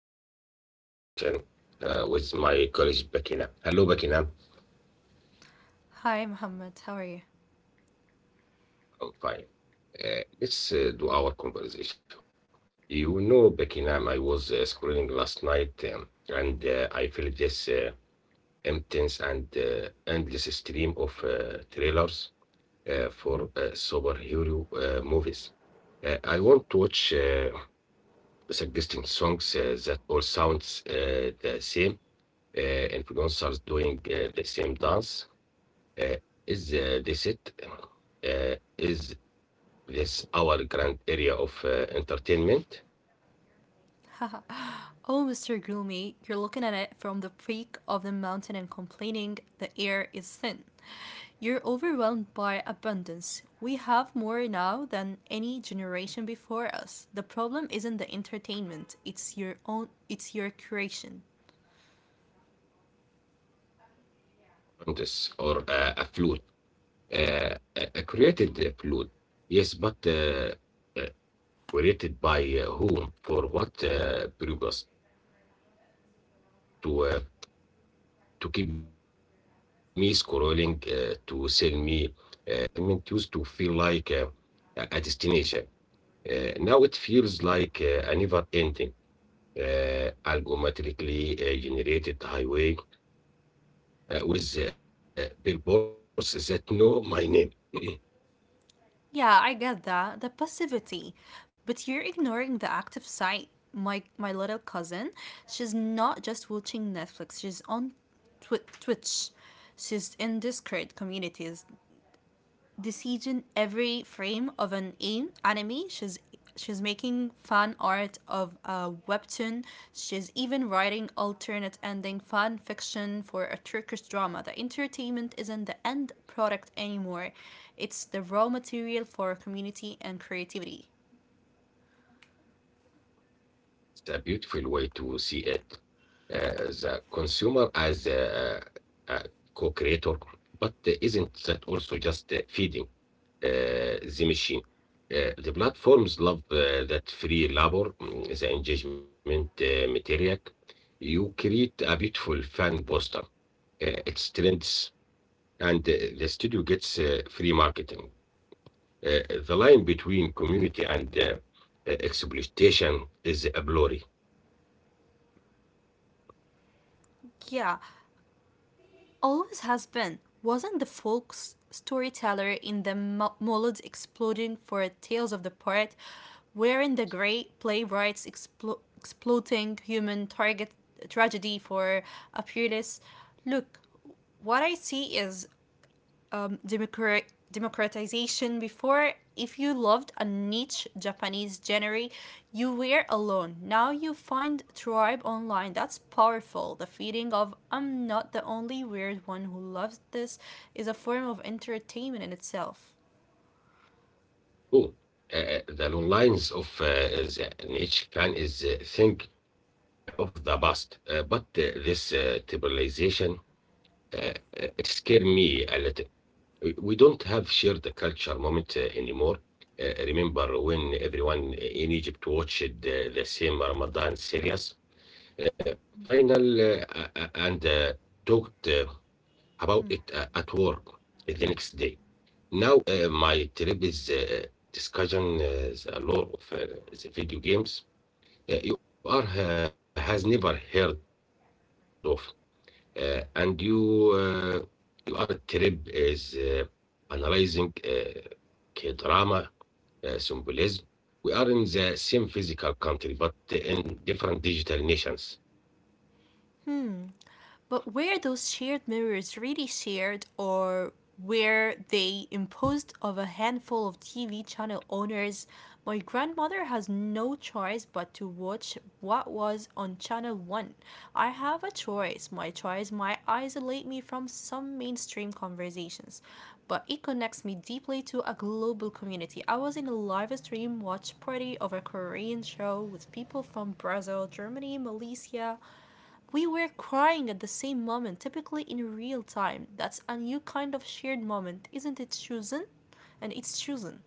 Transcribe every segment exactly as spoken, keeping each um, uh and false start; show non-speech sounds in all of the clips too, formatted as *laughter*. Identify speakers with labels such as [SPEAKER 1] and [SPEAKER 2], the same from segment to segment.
[SPEAKER 1] our new conversation uh, with my colleague Bakina. Hello, Bakina.
[SPEAKER 2] Hi, Mohammed. How are you?
[SPEAKER 1] Oh, fine. Uh, let's uh, do our conversation. You know, Bakina, I was uh, scrolling last night, um, and uh, I felt this uh, intense and uh, endless stream of uh, trailers uh, for uh, superhero uh, movies. Uh, I want to watch uh, suggesting songs uh, that all sounds uh, the same, uh, influencers doing uh, the same dance, uh, is uh, they said uh, is this our grand area of uh, entertainment
[SPEAKER 2] Oh, Mister Gloomy, you're looking at it from the peak of the mountain and complaining the air is thin. You're overwhelmed by abundance. We have more now than any generation before us. The problem isn't the entertainment, it's your own it's your creation.
[SPEAKER 1] and this or uh, a flute, uh, a a created uh, flute. Yes, but uh, uh, created by uh, whom, for what uh, purpose? To uh, to keep me scrolling, uh, to sell me uh, subscription, uh, to shape my uh, desires. Uh, entertainment used to feel like uh, a a destination. Uh, now it feels like uh, a never-ending, uh, algorithmically uh, generated highway uh, with uh, billboards that know my name. *clears throat* It's
[SPEAKER 2] Yeah, I get that. The passivity. But you're ignoring the active side. My my little cousin, she's not just watching Netflix, she's on Twi- Twitch. She's in Discord communities decision every frame of an aim, anime. She's she's making fan art of a webtoon. She's even writing alternate ending fan fiction for a Turkish drama. The entertainment isn't the end product anymore. It's the raw material for community and creativity.
[SPEAKER 1] a beautiful way to see it. Uh, the consumer as a, a co-creator, but uh, isn't that also just uh, feeding uh, the machine? Uh, the platforms love uh, that free labor, mm, the engagement uh, material. You create a beautiful fan poster, uh, its strengths, and uh, the studio gets uh, free marketing. Uh, the line between community and uh, uh, exploitation is a blurry.
[SPEAKER 2] Yeah, always has been. Wasn't the folk s- storyteller in the Mo- Mulleds Exploding for Tales of the Poet, wherein the great playwrights explo- exploiting human target tragedy for a purist. Look, what I see is um, democrat democratization. Before, if you loved a niche Japanese genre you were alone. Now you find tribe online. That's powerful. The feeling of I'm not the only weird one who loves this is a form of entertainment in itself.
[SPEAKER 1] Cool. Uh, uh, the long lines of uh, the niche fan is uh, think uh, of the past, uh, but uh, this uh, tribalization, uh, uh, it scared me a little. We we don't have shared the culture moment uh, anymore. Uh, remember when everyone uh, in Egypt watched the, the same Ramadan series uh, final uh, uh, uh, and uh, talked uh, about it uh, at work the next day. Now uh, my trip is uh, discussion uh, the lore of uh, the video games uh, you are uh, has never heard of. Uh, and you uh, you are trip is uh, analyzing uh, K drama uh, symbolism. We are in the same physical country, but in different digital nations.
[SPEAKER 2] But were those shared mirrors really shared, or were they imposed of a handful of T V channel owners? My grandmother has no choice but to watch what was on channel one. I have a choice. My choice might isolate me from some mainstream conversations, but it connects me deeply to a global community. I was in a live stream watch party of a Korean show with people from Brazil, Germany, Malaysia. We were crying at the same moment, typically in real time. That's a new kind of shared moment, isn't it, Susan? And it's Susan.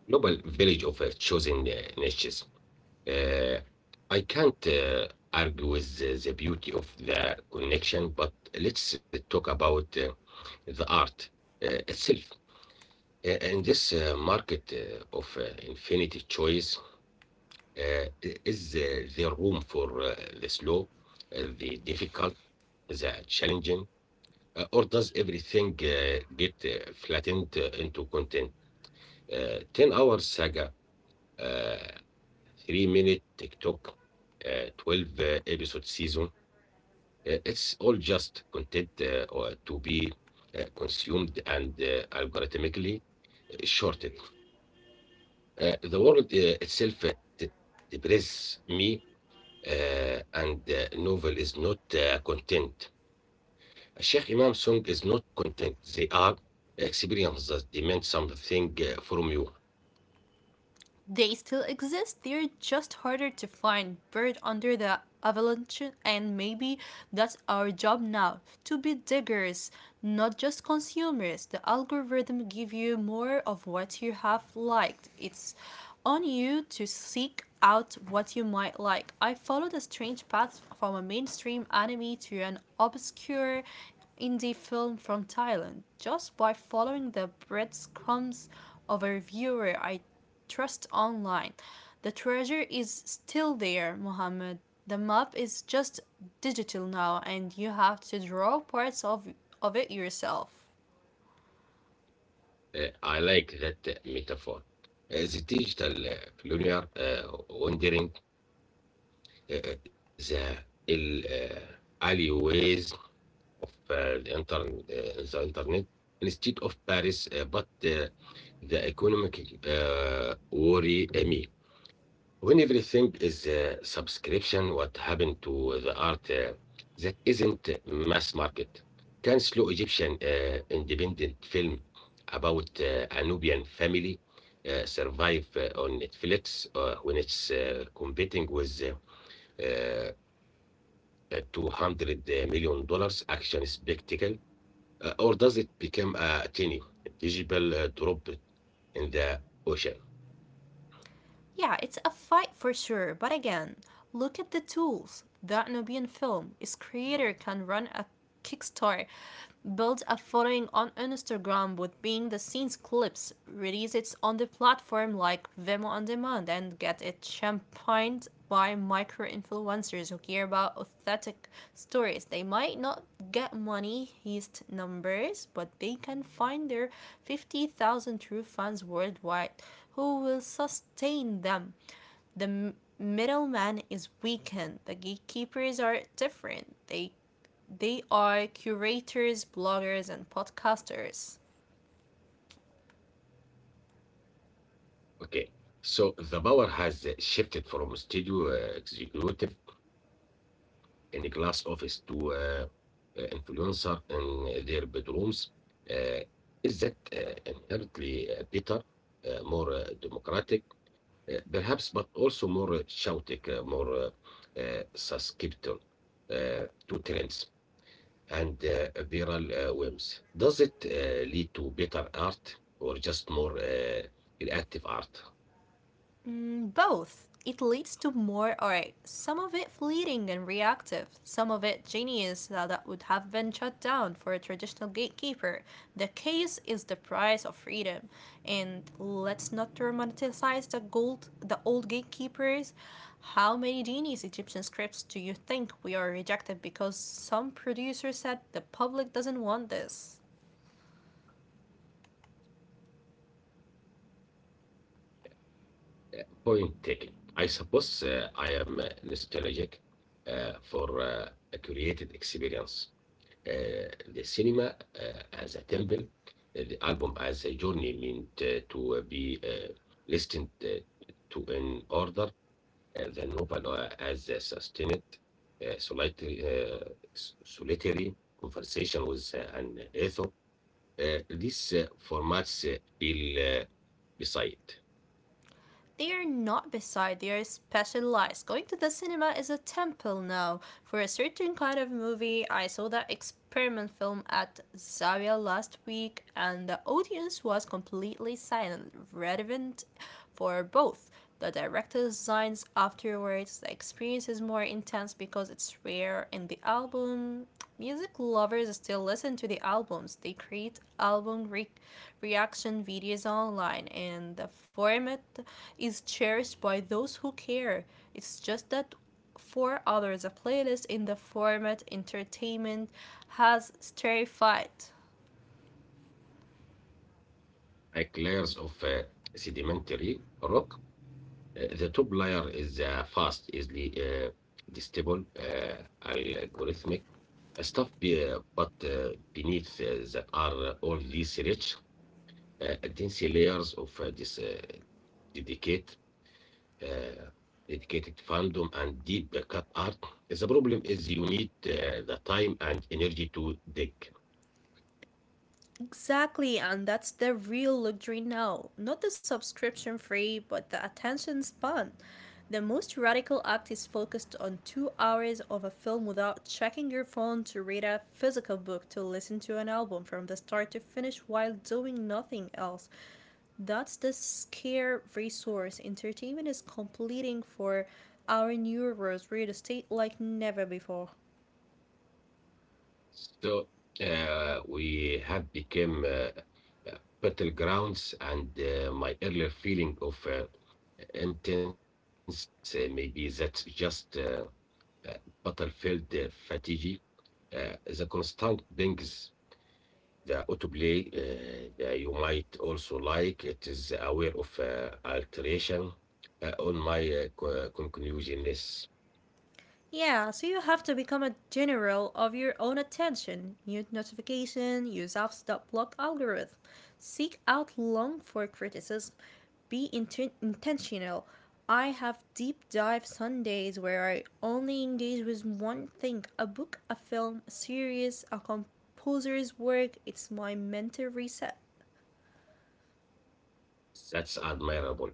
[SPEAKER 1] Global village of uh, chosen uh, niches. Uh, I can't uh, argue with the, the beauty of the connection, but let's uh, talk about uh, the art uh, itself. Uh, in this uh, market uh, of uh, infinity choice, uh, is uh, there room for uh, the slow, uh, the difficult, the challenging, uh, or does everything uh, get uh, flattened uh, into content? Uh, ten hour saga, uh, three minute TikTok, uh, twelve uh, episode season. Uh, it's all just content uh, or to be uh, consumed and uh, algorithmically uh, shorted. Uh, the world uh, itself uh, depresses me, uh, and uh, novel is not uh, content. Sheikh Imam song is not content. They are experience that demand something uh, from you.
[SPEAKER 2] They still exist, they're just harder to find, buried under the avalanche, and maybe that's our job now, to be diggers, not just consumers. The algorithm give you more of what you have liked. It's on you to seek out what you might like. I followed a strange path from a mainstream anime to an obscure indie film from Thailand, just by following the breadcrumbs of a reviewer I trust online. The treasure is still there, Mohammed. The map is just digital now, and you have to draw parts of, of it yourself.
[SPEAKER 1] Uh, I like that uh, metaphor. Uh, the digital uh, pioneer uh, wandering uh, uh, the ال- uh, alleyways of uh, the, intern- uh, the internet instead of Paris, uh, but uh, the economic uh, worry uh, me. When everything is a subscription, what happened to the art uh, that isn't mass market? Can slow Egyptian uh, independent film about uh, a Nubian family uh, survive uh, on Netflix uh, when it's uh, competing with uh, uh, $200 million dollars action spectacle? Uh, or does it become a tiny, visible uh, drop in the ocean?
[SPEAKER 2] Yeah, it's a fight for sure, but again, look at the tools. That Nubian film, its creator can run a Kickstarter, build a following on Instagram with being the scenes clips, release it on the platform like Vimeo on Demand, and get it championed by micro influencers who care about authentic stories. They might not get money heist numbers, but they can find their fifty thousand true fans worldwide who will sustain them. The middleman is weakened. The gatekeepers are different. They they are curators, bloggers, and podcasters.
[SPEAKER 1] Okay. So the power has uh, shifted from studio uh, executive in a glass office to uh, uh, influencer in their bedrooms. Uh, is that uh, inherently uh, better, uh, more uh, democratic, uh, perhaps, but also more uh, chaotic, uh, more uh, uh, susceptible uh, to trends? And uh, apparel uh, whims. Does it uh, lead to better art or just more uh, reactive art?
[SPEAKER 2] Mm, both. It leads to more art, some of it fleeting and reactive, some of it genius that would have been shut down for a traditional gatekeeper. The case is the price of freedom. And let's not romanticize the gold the old gatekeepers. How many genius Egyptian scripts do you think we are rejected because some producer said the public doesn't want this?
[SPEAKER 1] Point taken. I suppose uh, I am uh, nostalgic uh, for uh, a curated experience. Uh, the cinema uh, as a temple, uh, the album as a journey meant uh, to be uh, listened uh, to in order, uh, the novel uh, as a sustained, uh, solitary, uh, s- solitary conversation with uh, an author. Uh, these uh, formats uh, feel uh, beside
[SPEAKER 2] They are not beside, they are specialized. Going to the cinema is a temple now. For a certain kind of movie, I saw that experiment film at Zaria last week, and the audience was completely silent, relevant for both the director designs afterwards. The experience is more intense because it's rare. In the album, music lovers still listen to the albums. They create album re- reaction videos online, and the format is cherished by those who care. It's just that for others, a playlist in the format entertainment has terrified.
[SPEAKER 1] like layers of uh, sedimentary rock. Uh, the top layer is uh, fast, easily uh, digestible, uh, algorithmic stuff, be- uh, but uh, beneath uh, that are uh, all these rich, uh, dense layers of uh, this uh, dedicate, uh, dedicated fandom and deep cut art. The problem is you need uh, the time and energy to dig.
[SPEAKER 2] Exactly, and that's the real luxury now. Not the subscription free, but the attention span. The most radical act is focused on two hours of a film without checking your phone, to read a physical book, to listen to an album from the start to finish while doing nothing else. That's the scare resource entertainment is completing for our neurons real estate like never before.
[SPEAKER 1] So uh, we have become uh, uh, battlegrounds, and uh, my earlier feeling of uh, intense, uh, maybe that's just uh, uh, battlefield uh, fatigue, uh, the constant pings, the autoplay uh, that you might also like. It is aware of uh, alteration uh, on my uh, co- conclusion is
[SPEAKER 2] Yeah, so you have to become a general of your own attention. Mute notification, use apps that block algorithm, seek out long for criticism, be inten- intentional. I have deep dive Sundays where I only engage with one thing, a book, a film, a series, a composer's work. It's my mental reset.
[SPEAKER 1] that's admirable.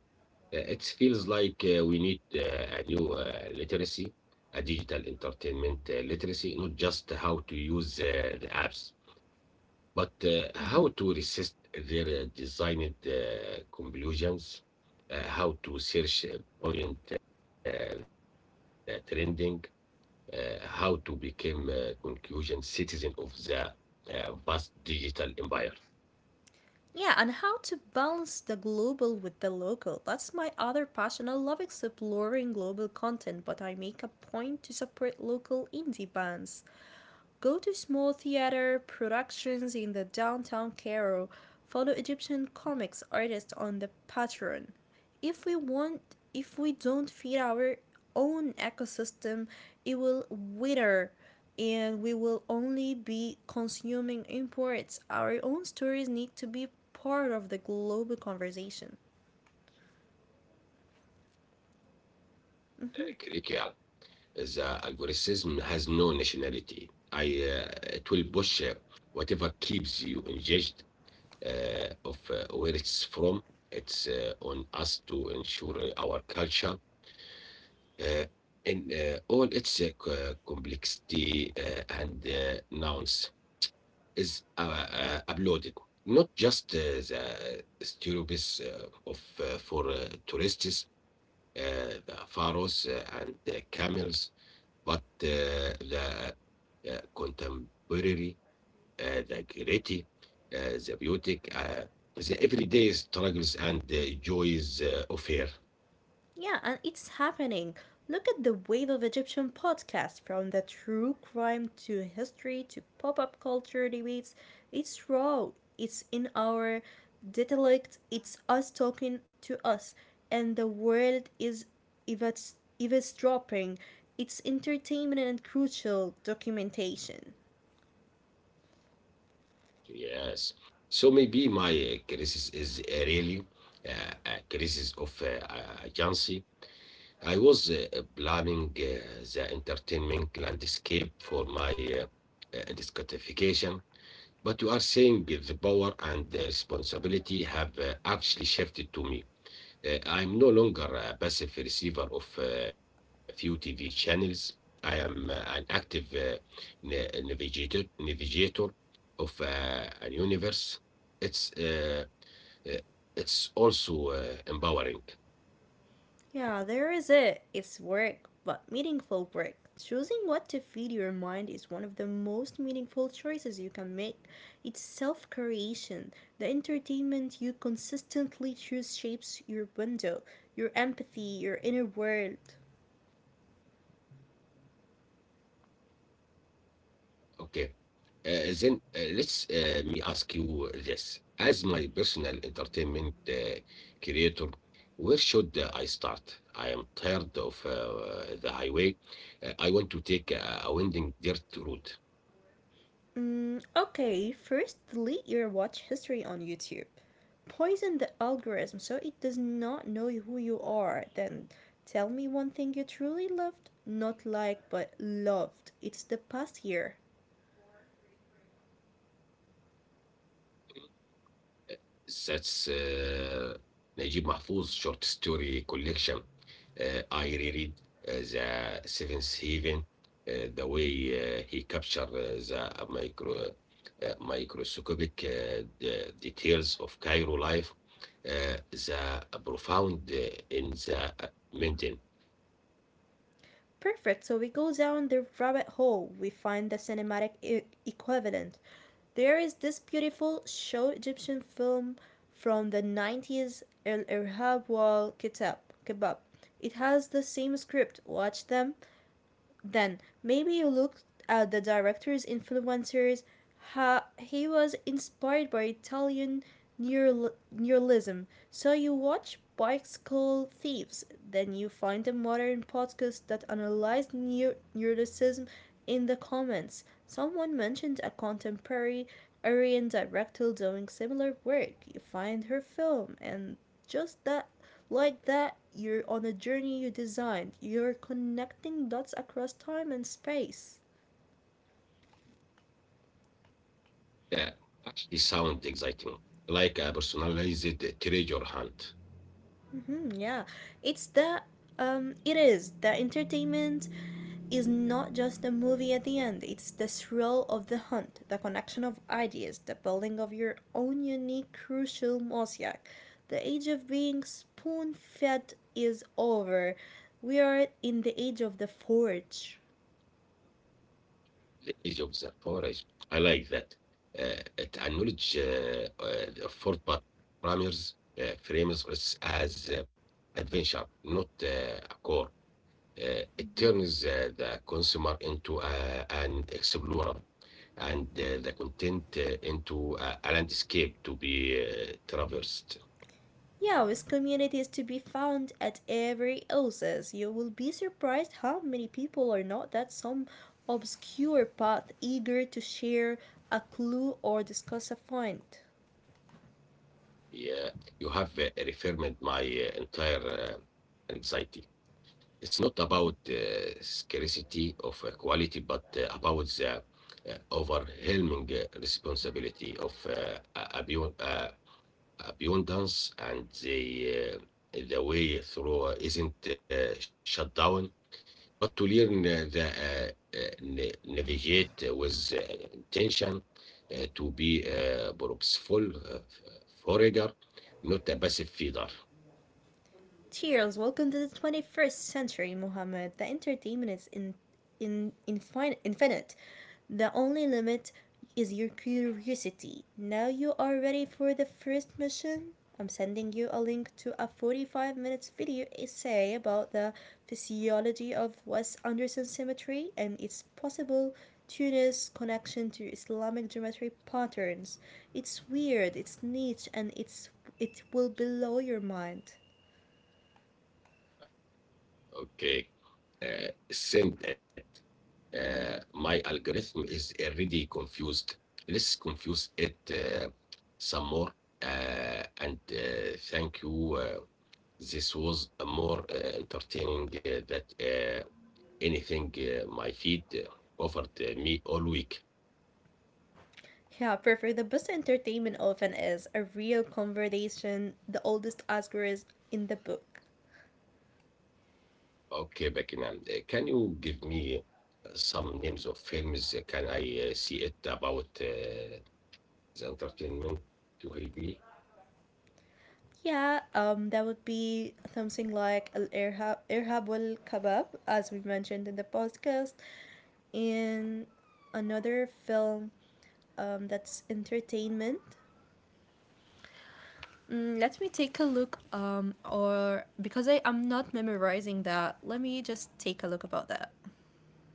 [SPEAKER 1] Uh, it feels like uh, we need uh, a new uh, literacy, a digital entertainment uh, literacy, not just how to use uh, the apps. But uh, how to resist their uh, designed uh, conclusions, uh, how to search uh, point uh, the trending, uh, how to become uh, conclusion citizen of the uh, vast digital empire.
[SPEAKER 2] Yeah, and how to balance the global with the local. That's my other passion. I love exploring global content, but I make a point to support local indie bands. Go to small theater productions in the downtown Cairo. Follow Egyptian comics artists on the Patreon. If we want, if we don't feed our own ecosystem, it will wither and we will only be consuming imports. Our own stories need to be part of the global conversation.
[SPEAKER 1] Uh, curriculum. The algorithm has no nationality. I uh, It will push uh, whatever keeps you engaged uh, of uh, where it's from. It's uh, on us to ensure our culture uh, in uh, all its uh, co- complexity uh, and uh, nouns is uh, uh, uploaded, not just uh, the stereotypes uh, of uh, for uh, tourists, uh, the pharaohs uh, and the camels, but uh, the uh, contemporary, uh, the gritty, uh, the beauty, uh, the everyday struggles and uh, joys uh, of here.
[SPEAKER 2] Yeah, and it's happening. Look at the wave of Egyptian podcasts, from the true crime to history to pop up culture debates. It's raw, it's in our dialect, it's us talking to us, and the world is eavesdropping. It's entertainment and crucial documentation.
[SPEAKER 1] Yes. So maybe my uh, crisis is uh, really uh, a crisis of uh, uh, agency. I was uh, uh, planning uh, the entertainment landscape for my uh, uh, discographication, but you are saying the power and the responsibility have uh, actually shifted to me. Uh, I'm no longer a passive receiver of uh, few T V channels. I am uh, an active uh, na- navigator, navigator of uh, an universe. It's uh, uh, it's also uh, empowering.
[SPEAKER 2] Yeah, there is it. It's work, but meaningful work. Choosing what to feed your mind is one of the most meaningful choices you can make. It's self creation. The entertainment you consistently choose shapes your window, your empathy, your inner world.
[SPEAKER 1] Okay. Uh, then uh, let's uh, me ask you this. As my personal entertainment uh, creator, where should uh, I start? I am tired of uh, the highway. Uh, I want to take a, a winding dirt road.
[SPEAKER 2] Mm, okay, first delete your watch history on YouTube. Poison the algorithm so it does not know who you are. Then tell me one thing you truly loved, not like but loved. It's the past year.
[SPEAKER 1] That's uh, Najib Mahfouz short story collection. Uh, I reread uh, The Seventh Heaven, uh, the way uh, he captured uh, the micro, uh, microscopic uh, the details of Cairo life, uh, the profound uh, in the mundane.
[SPEAKER 2] Perfect, so we go down the rabbit hole. We find the cinematic e- equivalent. There is this beautiful show Egyptian film from the nineties, El Irhab Wal Kitab. Kebab. It has the same script. Watch them. Then maybe you looked at the director's influencers. Ha, he was inspired by Italian neural- neuralism. So you watch Bicycle Thieves, then you find a modern podcast that analyzed neur- neuroticism in the comments. Someone mentioned a contemporary Aryan director doing similar work. You find her film, and just that like that, you're on a journey you designed. You're connecting dots across time and space.
[SPEAKER 1] Uh, Actually sound exciting, like a personalized treasure hunt.
[SPEAKER 2] Hmm, yeah, it's that. Um, it is that entertainment is not just a movie at the end. It's the thrill of the hunt, the connection of ideas, the building of your own unique crucial mosaic. The age of being spoon fed is over. We are in the age of the forge.
[SPEAKER 1] The age of the power is I like that. Uh, it acknowledge uh, uh, the four parameters uh, frames us as uh, adventure, not uh, a core. Uh, it turns uh, the consumer into uh, an explorer and uh, the content uh, into a, a landscape to be uh, traversed.
[SPEAKER 2] Yeah, with communities to be found at every oasis. You will be surprised how many people are not that some obscure path eager to share a clue or discuss a find.
[SPEAKER 1] Yeah, you have uh, reaffirmed my uh, entire uh, anxiety. It's not about uh, scarcity of uh, quality, but uh, about the uh, overwhelming uh, responsibility of uh, a- abu- uh, abundance and the, uh, the way through uh, isn't uh, shut down, but to learn uh, the uh, uh, na- navigate uh, with uh, intention uh, to be a purposeful uh, f- forager, not a passive feeder.
[SPEAKER 2] Cheers, welcome to the twenty-first century, Mohammed. The entertainment is in, in, infin- infinite. The only limit is your curiosity. Now, you are ready for the first mission? I'm sending you a link to a forty-five minutes video essay about the physiology of West Anderson symmetry and its possible Tunis connection to Islamic geometry patterns. It's weird, it's niche, and it's it will blow your mind.
[SPEAKER 1] Okay. Uh, send it. Uh, my algorithm is already confused. Let's confuse it uh, some more. Uh, and uh, thank you. Uh, this was a more uh, entertaining uh, that uh, anything uh, my feed uh, offered uh, me all week.
[SPEAKER 2] Yeah, for, for the best entertainment often is a real conversation. The oldest Oscar is in the book.
[SPEAKER 1] Okay, Bekinam, uh, can you give me uh, some names of films? Uh, Can I uh, see it about uh, the entertainment to help me?
[SPEAKER 2] Yeah, um, that would be something like Al Irhab, Irhab wal Kabab, as we mentioned in the podcast. And another film um, that's entertainment. Mm, let me take a look, um, or because I am not memorizing that, let me just take a look about that.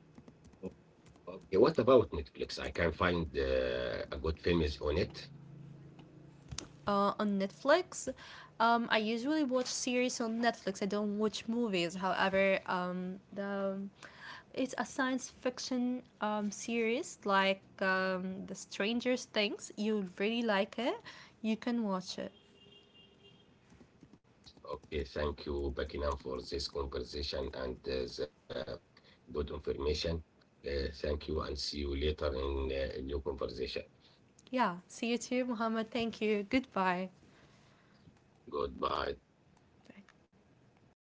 [SPEAKER 1] Okay, what about Netflix? I can find uh, a good films on it.
[SPEAKER 2] Uh, on Netflix. Um, I usually watch series on Netflix. I don't watch movies. However, um, the, it's a science fiction um, series like um, The Stranger Things. You'll really like it. You can watch it.
[SPEAKER 1] Okay, thank you, Buckingham, for this conversation and uh, the good information. Uh, thank you, and see you later in uh, a new conversation.
[SPEAKER 2] Yeah. See you too, Muhammad. Thank you. Goodbye.
[SPEAKER 1] Goodbye.
[SPEAKER 2] Bye.